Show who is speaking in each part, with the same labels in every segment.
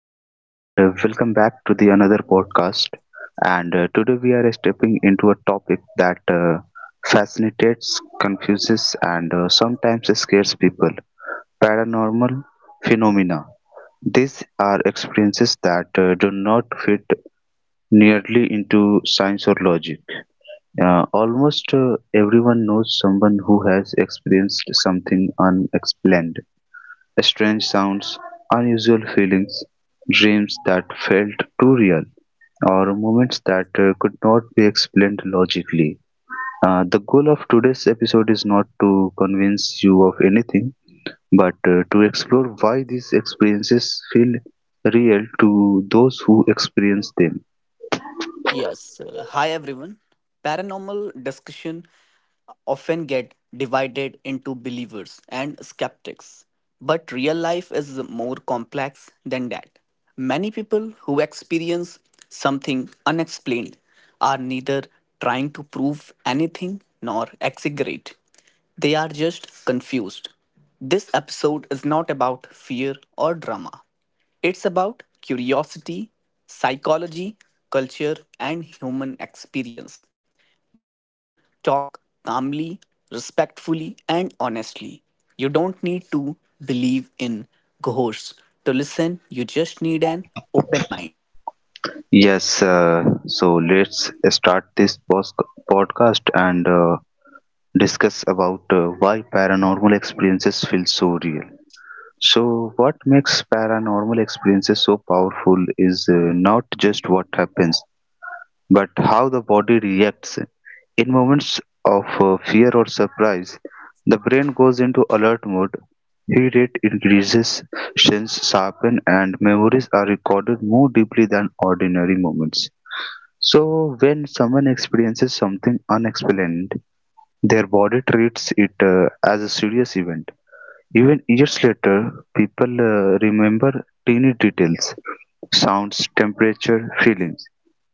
Speaker 1: everyone and welcome back to the another podcast and today we are stepping into a topic that fascinates confuses and sometimes scares people, paranormal phenomena. These are experiences that do not fit nearly into science or logic. Almost everyone knows someone who has experienced something unexplained: strange sounds, unusual feelings, dreams that felt too real, or moments that could not be explained logically. The goal of today's episode is not to convince you of anything, but to explore why these experiences feel real to those who experience them.
Speaker 2: Yes. Hi, everyone. Paranormal discussion often get divided into believers and skeptics. But real life is more complex than that. Many people who experience something unexplained are neither trying to prove anything nor exaggerate. They are just confused. This episode is not about fear or drama. It's about curiosity, psychology, culture, and human experience. We will talk calmly, respectfully, and honestly. You don't need to believe in ghosts to listen, you just need an open mind.
Speaker 1: Yes, so let's start this podcast and discuss about why paranormal experiences feel so real. So, what makes paranormal experiences so powerful is not just what happens, but how the body reacts. In moments of fear or surprise, the brain goes into alert mode, heat rate increases, sense sharpen, and memories are recorded more deeply than ordinary moments. So, when someone experiences something unexplained, their body treats it as a serious event. Even years later, people remember tiny details, sounds, temperature, feelings.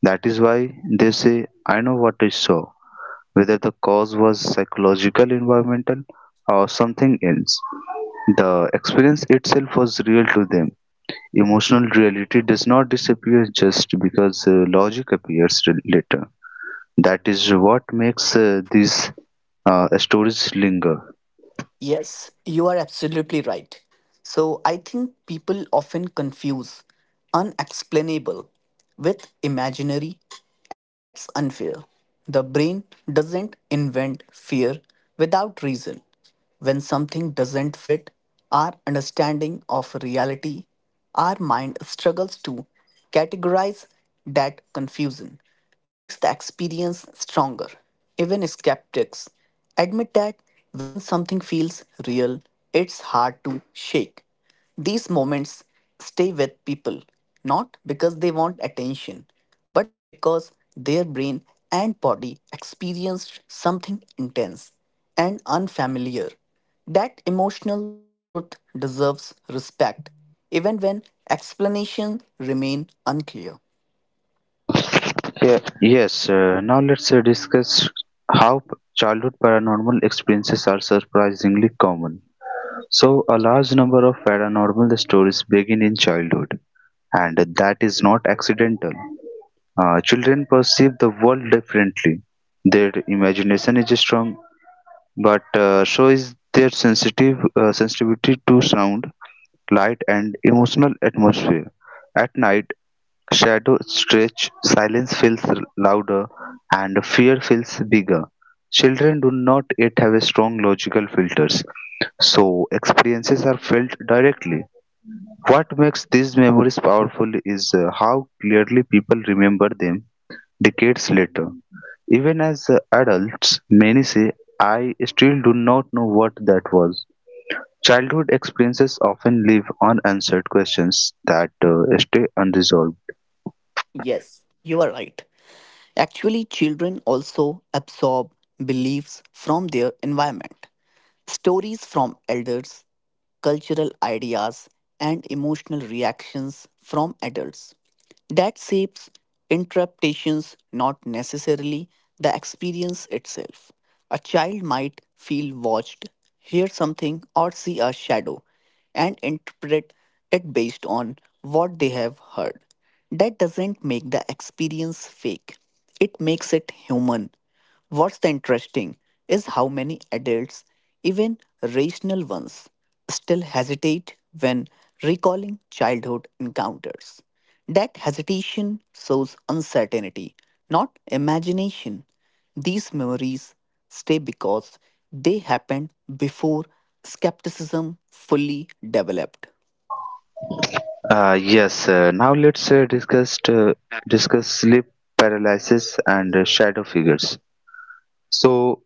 Speaker 1: That is why they say, I know what I saw, whether the cause was psychological, environmental, or something else. The experience itself was real to them. Emotional reality does not disappear just because logic appears later. That is what makes these stories linger.
Speaker 2: Yes, you are absolutely right. So I think people often confuse unexplainable with imaginary, and that's unfair. The brain doesn't invent fear without reason. When something doesn't fit our understanding of reality, our mind struggles to categorize that confusion, makes the experience stronger. Even skeptics admit that when something feels real, it's hard to shake. These moments stay with people not because they want attention, but because their brain and body experienced something intense and unfamiliar. That emotional truth deserves respect, even when explanations remain unclear.
Speaker 1: Yeah, yes. Now let's discuss how childhood paranormal experiences are surprisingly common. So, a large number of paranormal stories begin in childhood, and that is not accidental. Children perceive the world differently. Their imagination is strong, but so is their sensitive sensitivity to sound, light, and emotional atmosphere. At night, shadow stretch, silence feels louder, and fear feels bigger. Children do not yet have a strong logical filters, so experiences are felt directly. What makes these memories powerful is how clearly people remember them decades later. Even as adults, many say, I still do not know what that was. Childhood experiences often leave unanswered questions that stay unresolved.
Speaker 2: Yes, you are right. Actually, children also absorb beliefs from their environment, stories from elders, cultural ideas, and emotional reactions from adults. That shapes interpretations, not necessarily the experience itself. A child might feel watched, hear something, or see a shadow, and interpret it based on what they have heard. That doesn't make the experience fake, it makes it human. What's the interesting is how many adults, even rational ones, still hesitate when recalling childhood encounters. That hesitation shows uncertainty, not imagination. These memories stay because they happened before skepticism fully developed.
Speaker 1: Yes, now let's discuss sleep paralysis and shadow figures. So,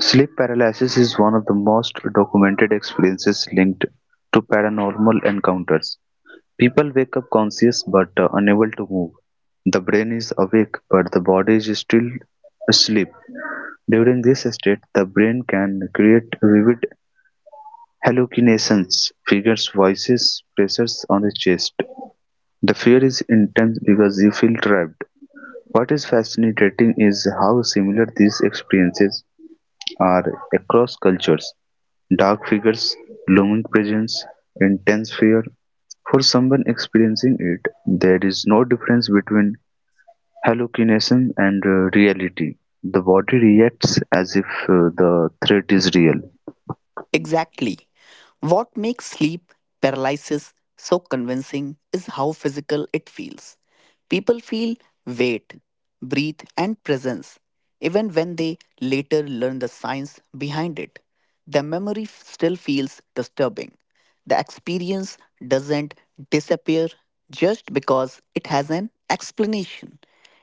Speaker 1: sleep paralysis is one of the most documented experiences linked to paranormal encounters. People wake up conscious but unable to move. The brain is awake but the body is still asleep. During this state, the brain can create vivid hallucinations, figures, voices, pressures on the chest. The fear is intense because you feel trapped. What is fascinating is how similar these experiences are across cultures. Dark figures, looming presence, intense fear. For someone experiencing it, there is no difference between hallucination and reality. The body reacts as if the threat is real.
Speaker 2: Exactly. What makes sleep paralysis so convincing is how physical it feels. People feel weight, breathe, and presence, even when they later learn the science behind it. The memory still feels disturbing. The experience doesn't disappear just because it has an explanation.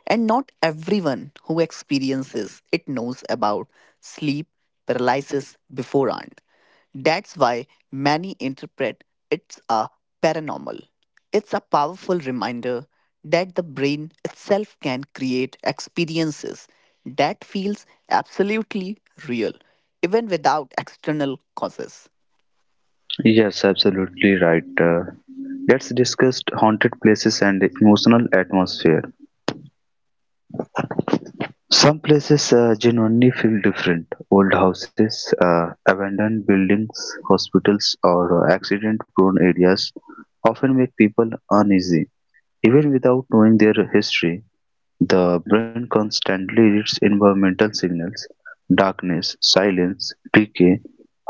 Speaker 2: And not everyone who experiences it knows about sleep paralysis beforehand. That's why many interpret it's a paranormal. It's a powerful reminder that the brain itself can create experiences that feels absolutely real even without external causes.
Speaker 1: Yes, absolutely right. Let's discuss haunted places and emotional atmosphere. Some places genuinely feel different: old houses, abandoned buildings, hospitals, or accident-prone areas often make people uneasy. Even without knowing their history, the brain constantly reads environmental signals, darkness, silence, decay,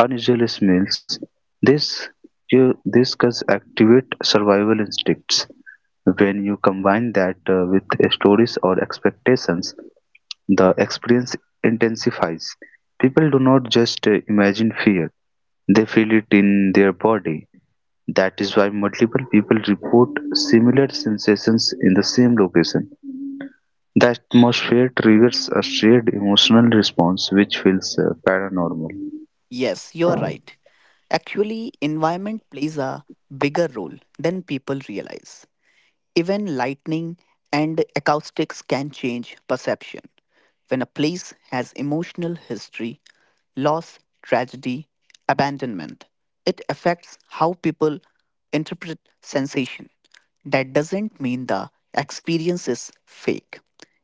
Speaker 1: unusual smells. This, this can activate survival instincts. When you combine that with stories or expectations, the experience intensifies. People do not just imagine fear, they feel it in their body. That is why multiple people report similar sensations in the same location. The atmosphere triggers a shared emotional response which feels paranormal.
Speaker 2: Yes, you are right. Actually, environment plays a bigger role than people realize. Even lightning and acoustics can change perception. When a place has emotional history, loss, tragedy, abandonment, it affects how people interpret sensation. That doesn't mean the experience is fake.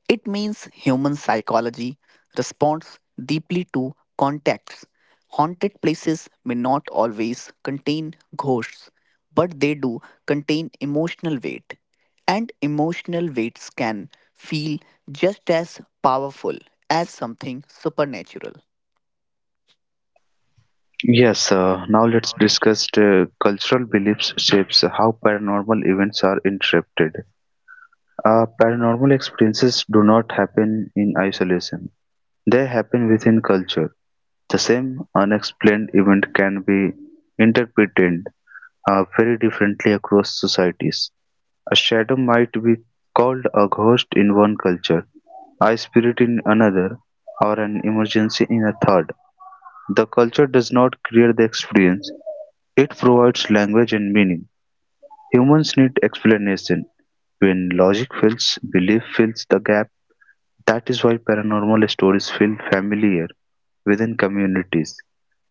Speaker 2: It means human psychology responds deeply to contexts. Haunted places may not always contain ghosts, but they do contain emotional weight. And emotional weights can feel just as powerful as something supernatural.
Speaker 1: Yes, now let's discuss the cultural beliefs shapes how paranormal events are interpreted. Paranormal experiences do not happen in isolation. They happen within culture. The same unexplained event can be interpreted very differently across societies. A shadow might be called a ghost in one culture, a spirit in another, or an emergency in a third. The culture does not create the experience, it provides language and meaning. Humans need explanation. When logic fails, belief fills the gap. That is why paranormal stories feel familiar within communities.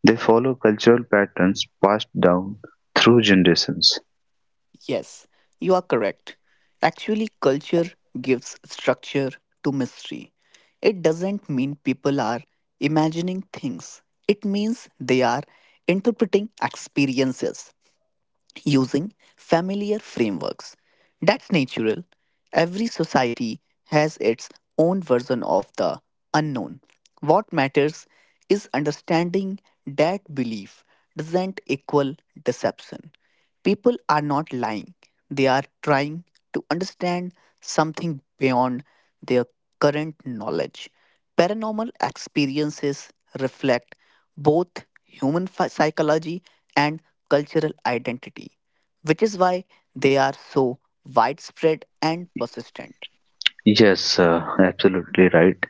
Speaker 1: They follow cultural patterns passed down through generations.
Speaker 2: Yes, you are correct. Actually, culture gives structure to mystery. It doesn't mean people are imagining things, it means they are interpreting experiences, using familiar frameworks. That's natural. Every society has its own version of the unknown. What matters is understanding that belief doesn't equal deception. People are not lying, they are trying to understand something beyond their current knowledge. Paranormal experiences reflect both human psychology and cultural identity, which is why they are so widespread and persistent.
Speaker 1: Yes, absolutely right.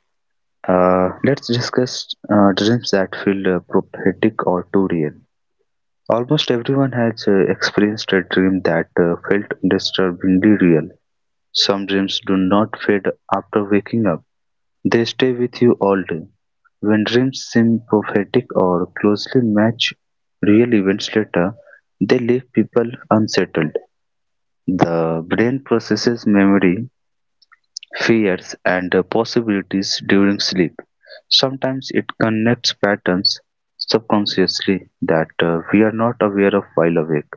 Speaker 1: Let's discuss dreams that feel prophetic or too real. Almost everyone has experienced a dream that felt disturbingly real. Some dreams do not fade after waking up. They stay with you all day. When dreams seem prophetic or closely match real events later, they leave people unsettled. The brain processes memory, fears, and possibilities during sleep. Sometimes it connects patterns subconsciously that we are not aware of while awake.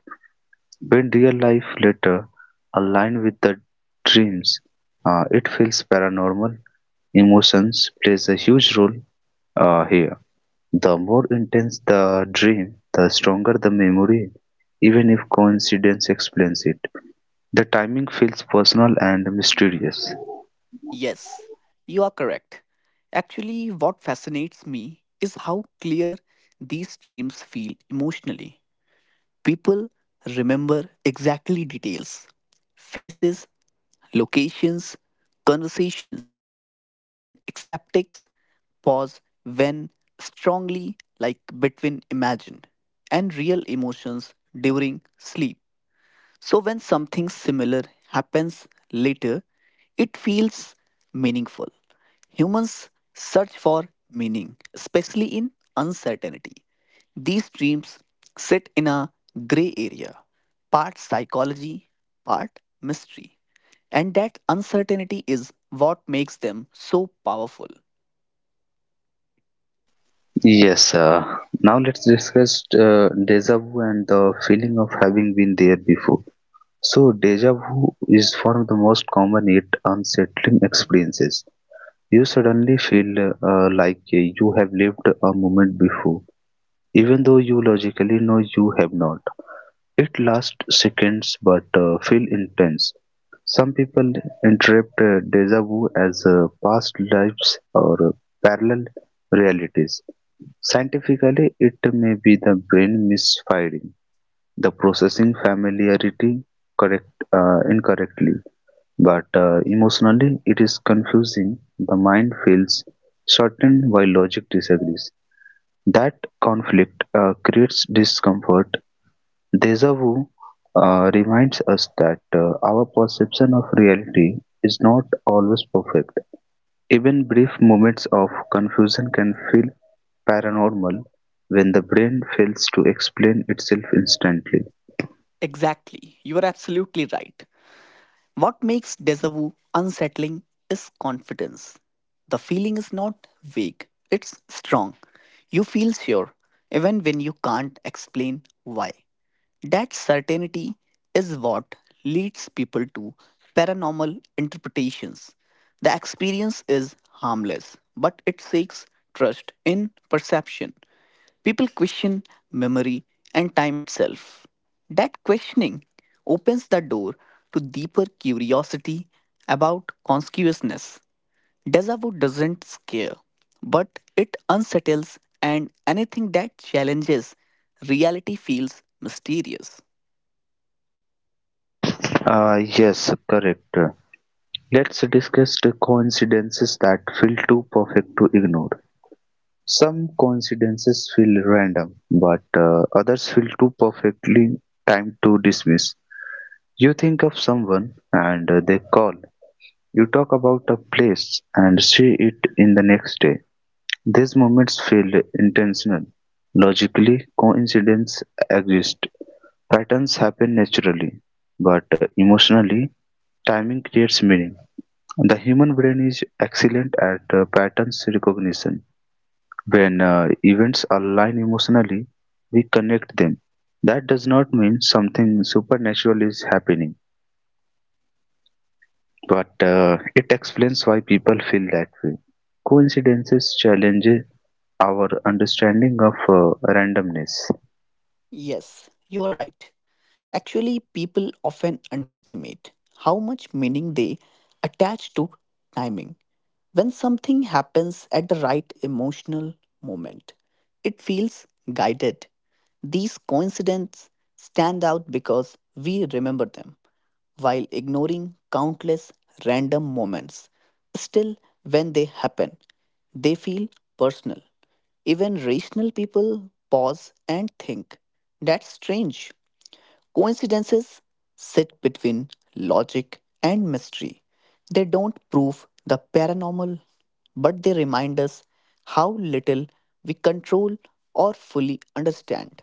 Speaker 1: When real life later aligns with the dreams, it feels paranormal. Emotions plays a huge role here. The more intense the dream, the stronger the memory, even if coincidence explains it. The timing feels personal and mysterious.
Speaker 2: Yes, you are correct. Actually, what fascinates me is how clear these dreams feel emotionally. People remember exactly details, faces, locations, conversations. Even acceptics pause when strongly, like between imagined and real emotions during sleep. So, when something similar happens later, it feels meaningful. Humans search for meaning, especially in uncertainty. These dreams sit in a gray area, part psychology, part mystery. And that uncertainty is what makes them so powerful.
Speaker 1: Yes, now let's discuss deja vu and the feeling of having been there before. So, deja vu is one of the most common yet unsettling experiences. You suddenly feel like you have lived a moment before, even though you logically know you have not. It lasts seconds but feels intense. Some people interpret deja vu as past lives or parallel realities. Scientifically, it may be the brain misfiring, the processing familiarity incorrectly, but emotionally it is confusing. The mind feels certain while logic disagrees. That conflict creates discomfort. Deja vu reminds us that our perception of reality is not always perfect. Even brief moments of confusion can feel paranormal when the brain fails to explain itself instantly.
Speaker 2: Exactly, you are absolutely right. What makes deja vu unsettling is confidence. The feeling is not vague, it's strong. You feel sure, even when you can't explain why. That certainty is what leads people to paranormal interpretations. The experience is harmless, but it seeks trust in perception. People question memory and time itself. That questioning opens the door to deeper curiosity about consciousness. Deja vu doesn't scare, but it unsettles, and anything that challenges reality feels mysterious.
Speaker 1: Yes, correct. Let's discuss the coincidences that feel too perfect to ignore. Some coincidences feel random, but others feel too perfectly timed to dismiss. You think of someone and they call. You talk about a place and see it in the next day. These moments feel intentional. Logically, coincidences exist. Patterns happen naturally, but emotionally, timing creates meaning. The human brain is excellent at patterns recognition. When events align emotionally, we connect them. That does not mean something supernatural is happening but it explains why people feel that way. Coincidences challenge our understanding of randomness.
Speaker 2: Yes, you're right. Actually, people often underestimate how much meaning they attach to timing. When something happens at the right emotional moment, it feels guided. These coincidences stand out because we remember them while ignoring countless random moments. Still, when they happen, they feel personal. Even rational people pause and think. That's strange. Coincidences sit between logic and mystery. They don't prove the paranormal, but they remind us how little we control or fully understand.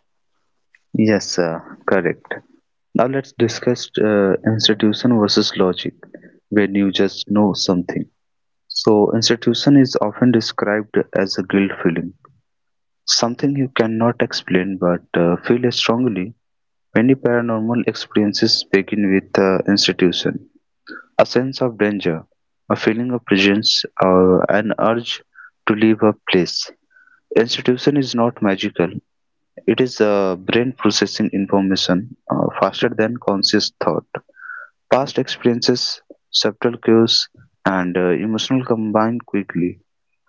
Speaker 1: Yes, correct. Now let's discuss institution versus logic, when you just know something. So, institution is often described as a guilt feeling, something you cannot explain but feel strongly. Many paranormal experiences begin with institution. A sense of danger, a feeling of presence, an urge to leave a place. Institution is not magical. It is the brain processing information faster than conscious thought. Past experiences, subtle cues, and emotional combine quickly.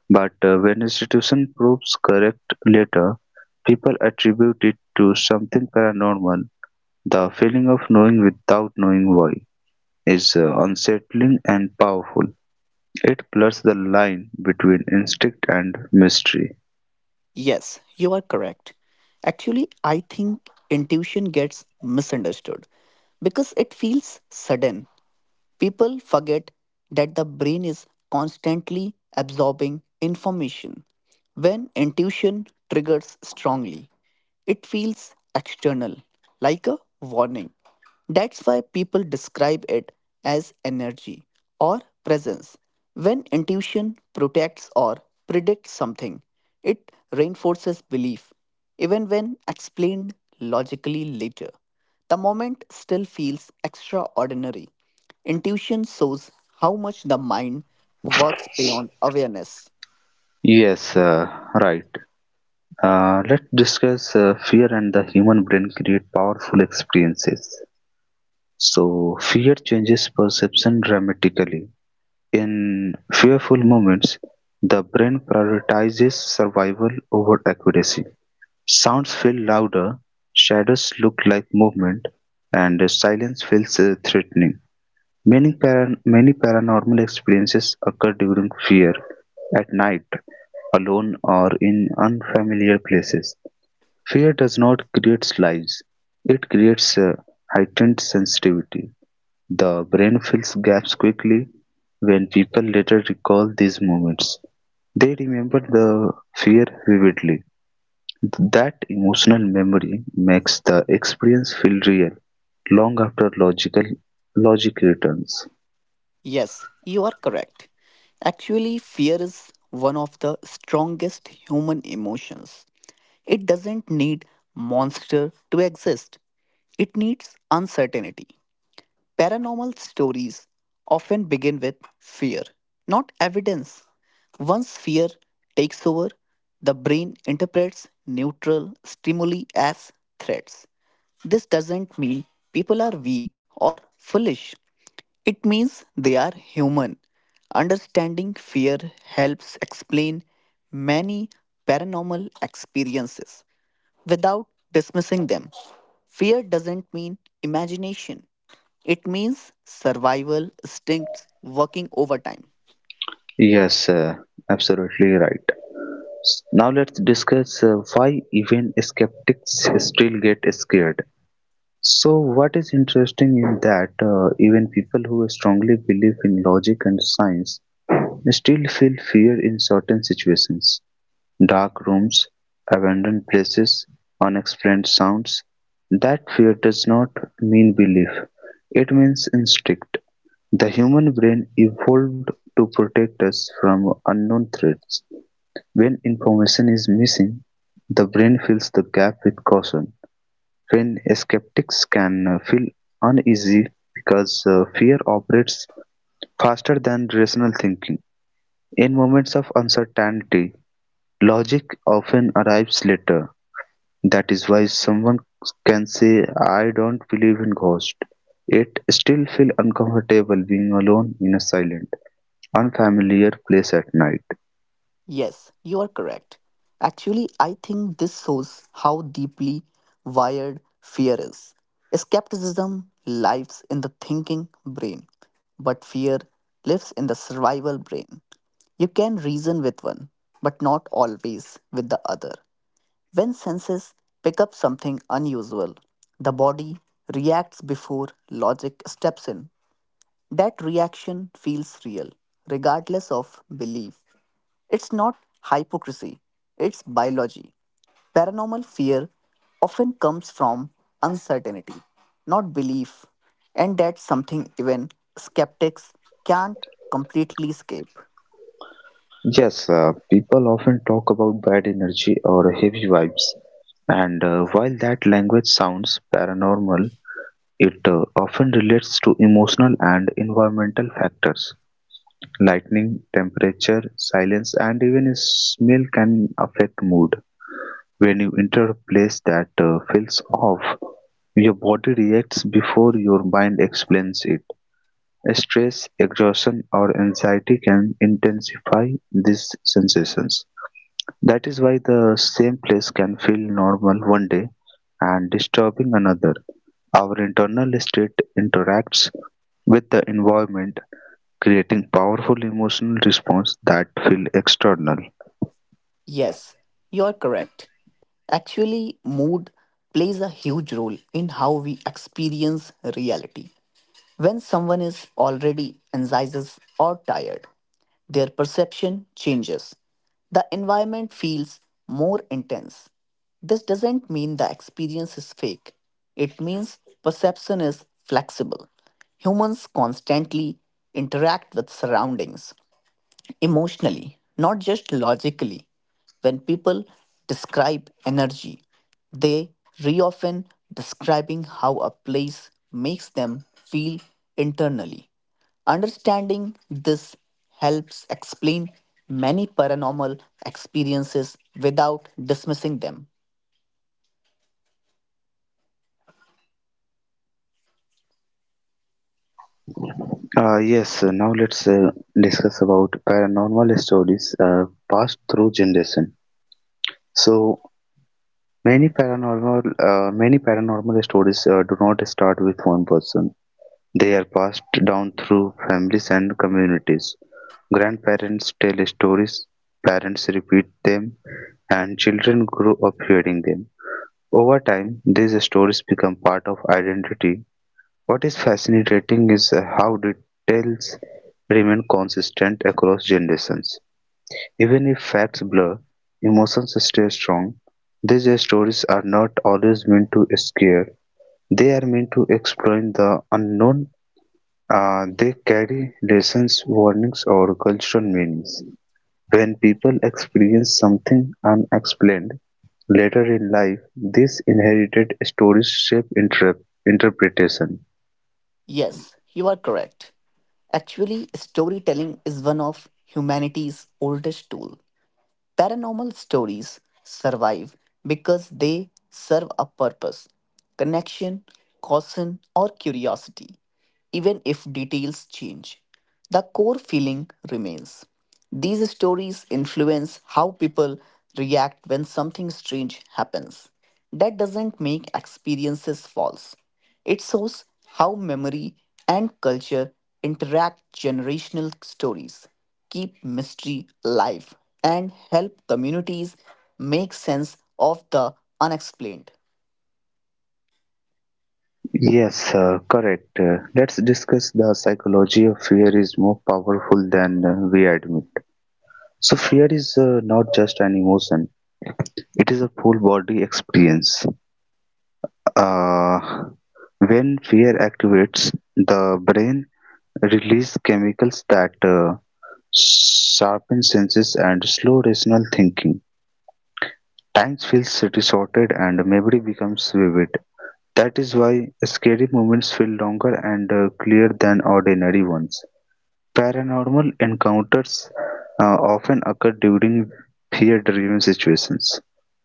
Speaker 1: But when institution proves correct later, people attribute it to something paranormal. The feeling of knowing without knowing why is unsettling and powerful. It blurs the line between instinct and mystery.
Speaker 2: Yes, you are correct. Actually, I think intuition gets misunderstood because it feels sudden. People forget that the brain is constantly absorbing information. When intuition triggers strongly, it feels external, like a warning. That's why people describe it as energy or presence. When intuition protects or predicts something, it reinforces belief, even when explained logically later. The moment still feels extraordinary. Intuition shows how much the mind works beyond awareness.
Speaker 1: Yes, right. Let's discuss fear and the human brain create powerful experiences. So, fear changes perception dramatically. In fearful moments, the brain prioritizes survival over accuracy. Sounds feel louder, shadows look like movement, and silence feels threatening. Many paranormal experiences occur during fear, at night, alone, or in unfamiliar places. Fear does not create lies, it creates a heightened sensitivity. The brain fills gaps quickly. When people later recall these moments, they remember the fear vividly. That emotional memory makes the experience feel real long after logic returns.
Speaker 2: Yes, you are correct. Actually, fear is one of the strongest human emotions. It doesn't need monster to exist. It needs uncertainty. Paranormal stories often begin with fear, not evidence. Once fear takes over, the brain interprets neutral stimuli as threats. This doesn't mean people are weak or foolish. It means they are human. Understanding fear helps explain many paranormal experiences without dismissing them. Fear doesn't mean imagination, it means survival instincts working overtime.
Speaker 1: Yes, absolutely right. Now let's discuss why even skeptics still get scared. So, what is interesting in that even people who strongly believe in logic and science still feel fear in certain situations. Dark rooms, abandoned places, unexplained sounds. That fear does not mean belief, it means instinct. The human brain evolved to protect us from unknown threats. When information is missing, the brain fills the gap with caution. When skeptics can feel uneasy because fear operates faster than rational thinking. In moments of uncertainty, logic often arrives later. That is why someone can say I don't believe in ghosts, yet still feel uncomfortable being alone in a silent, unfamiliar place at night.
Speaker 2: Yes, you are correct. Actually, I think this shows how deeply wired fear is. Skepticism lives in the thinking brain, but fear lives in the survival brain. You can reason with one, but not always with the other. When senses pick up something unusual, the body reacts before logic steps in. That reaction feels real, regardless of belief. It's not hypocrisy, it's biology. Paranormal fear often comes from uncertainty, not belief, and that's something even skeptics can't completely escape.
Speaker 1: Yes, people often talk about bad energy or heavy vibes, and while that language sounds paranormal, it often relates to emotional and environmental factors. Lightning, temperature, silence, and even a smell can affect mood. When you enter a place that feels off, your body reacts before your mind explains it. Stress, exhaustion, or anxiety can intensify these sensations. That is why the same place can feel normal one day and disturbing another. Our internal state interacts with the environment, creating powerful emotional response that feel external.
Speaker 2: Yes, you are correct. Actually, mood plays a huge role in how we experience reality. When someone is already anxious or tired, their perception changes. The environment feels more intense. This doesn't mean the experience is fake, it means perception is flexible. Humans constantly interact with surroundings emotionally, not just logically. When people describe energy, they re often describing how a place makes them feel internally. Understanding this helps explain many paranormal experiences without dismissing them.
Speaker 1: Yes, now let's discuss about paranormal stories passed through generation. So many paranormal many paranormal stories do not start with one person. They are passed down through families and communities. Grandparents tell stories, parents repeat them, and children grow up hearing them. Over time, these stories become part of identity. What is fascinating is how details remain consistent across generations. Even if facts blur, emotions stay strong. These stories are not always meant to scare, they are meant to explain the unknown. They carry lessons, warnings, or cultural meanings. When people experience something unexplained later in life, these inherited stories shape interpretation.
Speaker 2: Yes, you are correct. Actually, storytelling is one of humanity's oldest tool. Paranormal stories survive because they serve a purpose, connection, caution, or curiosity even if details change. The core feeling remains. These stories influence how people react when something strange happens. That doesn't make experiences false. It shows how memory and culture interact generational stories, keep mystery alive, and help communities make sense of the unexplained.
Speaker 1: Yes, correct. Let's discuss the psychology of fear is more powerful than we admit. So, fear is not just an emotion, it is a full body experience. Uh, when fear activates, the brain releases chemicals that sharpen senses and slow rational thinking. Time feels distorted and memory becomes vivid. That is why scary moments feel longer and clear than ordinary ones. Paranormal encounters often occur during fear-driven situations.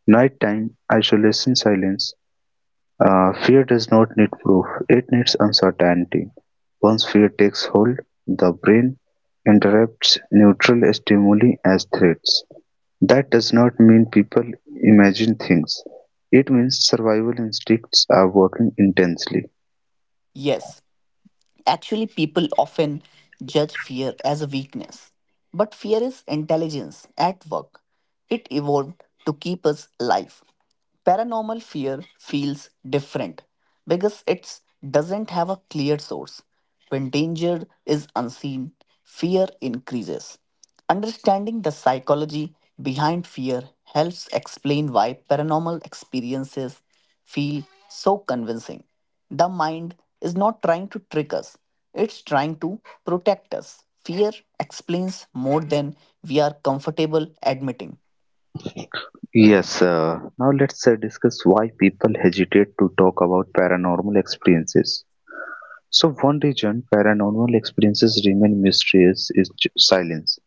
Speaker 1: Nighttime isolation silence. Fear does not need proof, it needs uncertainty. Once fear takes hold, the brain interrupts neutral stimuli as threats. That does not mean people imagine things. It means survival instincts are working intensely.
Speaker 2: Yes. Actually, people often judge fear as a weakness, but fear is intelligence at work. It evolved to keep us alive. Paranormal fear feels different because it doesn't have a clear source. When danger is unseen, fear increases. Understanding the psychology behind fear helps explain why paranormal experiences feel so convincing. The mind is not trying to trick us, it's trying to protect us. Fear explains more than we are comfortable admitting.
Speaker 1: Yes, now let's discuss why people hesitate to talk about paranormal experiences. So, one reason paranormal experiences remain mysterious is silence.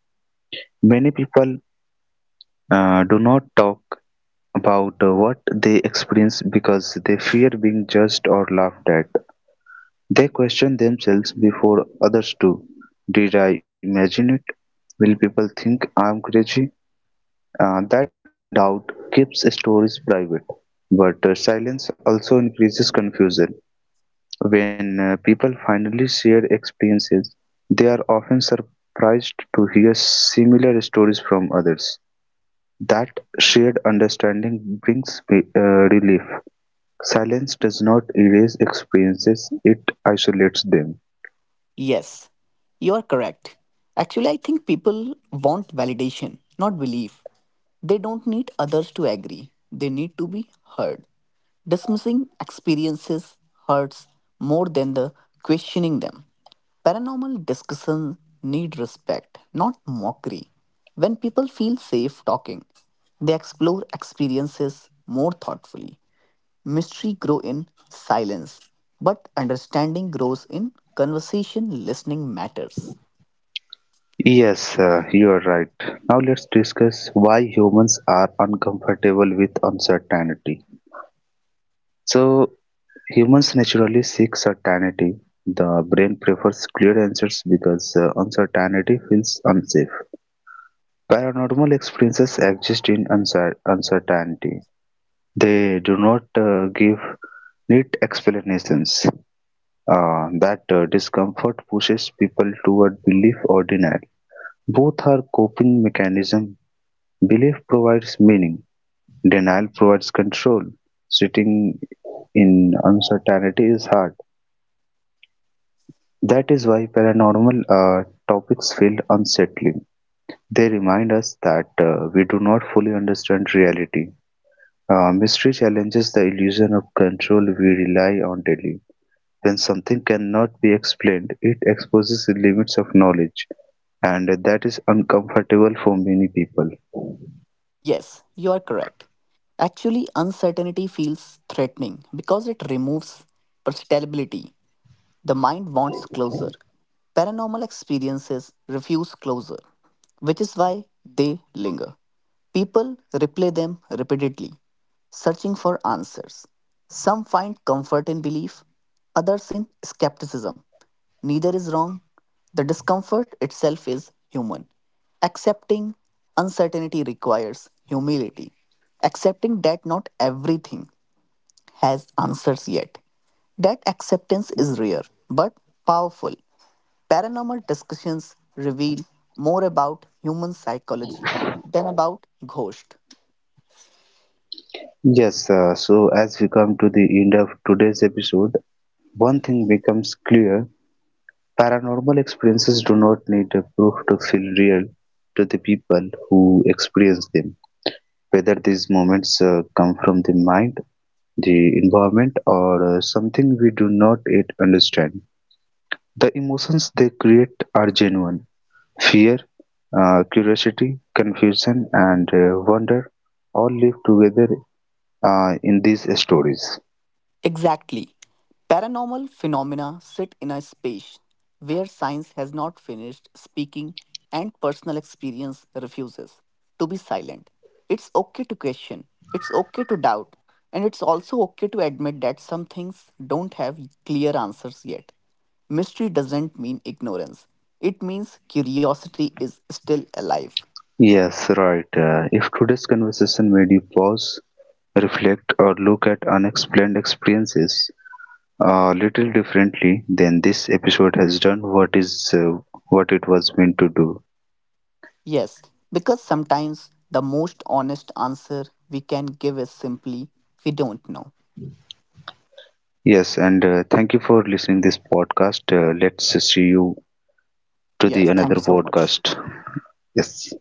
Speaker 1: Many people do not talk about what they experience because they fear being judged or laughed at. They question themselves before others do. Did I imagine it? Will people think I am crazy? That doubt keeps stories private, but silence also increases confusion. When people finally share experiences, they are often surprised to hear similar stories from others. That shared understanding brings relief. Silence does not erase experiences, it isolates them.
Speaker 2: Yes, you are correct. Actually, I think people want validation, not belief. They don't need others to agree, they need to be heard. Dismissing experiences hurts more than the questioning them. Paranormal discussions need respect, not mockery. When people feel safe talking, they explore experiences more thoughtfully. Mystery grow in silence, but understanding grows in conversation listening matters.
Speaker 1: Yes, you are right. Now let's discuss why humans are uncomfortable with uncertainty. So, humans naturally seek certainty. The brain prefers clear answers because uncertainty feels unsafe. Paranormal experiences exist in uncertainty. They do not give neat explanations. That discomfort pushes people toward belief or denial. Both are coping mechanisms. Belief provides meaning, denial provides control. Sitting in uncertainty is hard. That is why paranormal topics feel unsettling. They remind us that we do not fully understand reality. Mystery challenges the illusion of control we rely on daily. When something cannot be explained, it exposes the limits of knowledge, and that is uncomfortable for many people.
Speaker 2: Yes, you are correct. Actually, uncertainty feels threatening because it removes predictability. The mind wants closure. Paranormal experiences refuse closure, which is why they linger. People replay them repeatedly, searching for answers. Some find comfort in belief, others in skepticism. Neither is wrong. The discomfort itself is human. Accepting uncertainty requires humility. Accepting that not everything has answers yet. That acceptance is rare but powerful. Paranormal discussions reveal more about human psychology than about ghosts.
Speaker 1: Yes, so as we come to the end of today's episode, one thing becomes clear. Paranormal experiences do not need a proof to feel real to the people who experience them, whether these moments come from the mind, the environment, or something we do not yet understand. The emotions they create are genuine fear, curiosity, confusion, and wonder all live together in these stories.
Speaker 2: Exactly. Paranormal phenomena sit in a space where science has not finished speaking and personal experience refuses to be silent. It's okay to question, it's okay to doubt, and it's also okay to admit that some things don't have clear answers yet. Mystery doesn't mean ignorance, it means curiosity is still alive.
Speaker 1: Yes, right. If today's conversation made you pause, reflect or look at unexplained experiences a little differently then this episode has done what is what it was meant to do.
Speaker 2: Yes, because sometimes the most honest answer we can give is simply, we don't know.
Speaker 1: Yes and thank you for listening this podcast. Let's see you to the
Speaker 2: Yes, thank
Speaker 1: another
Speaker 2: you so much.
Speaker 1: podcast. Yes.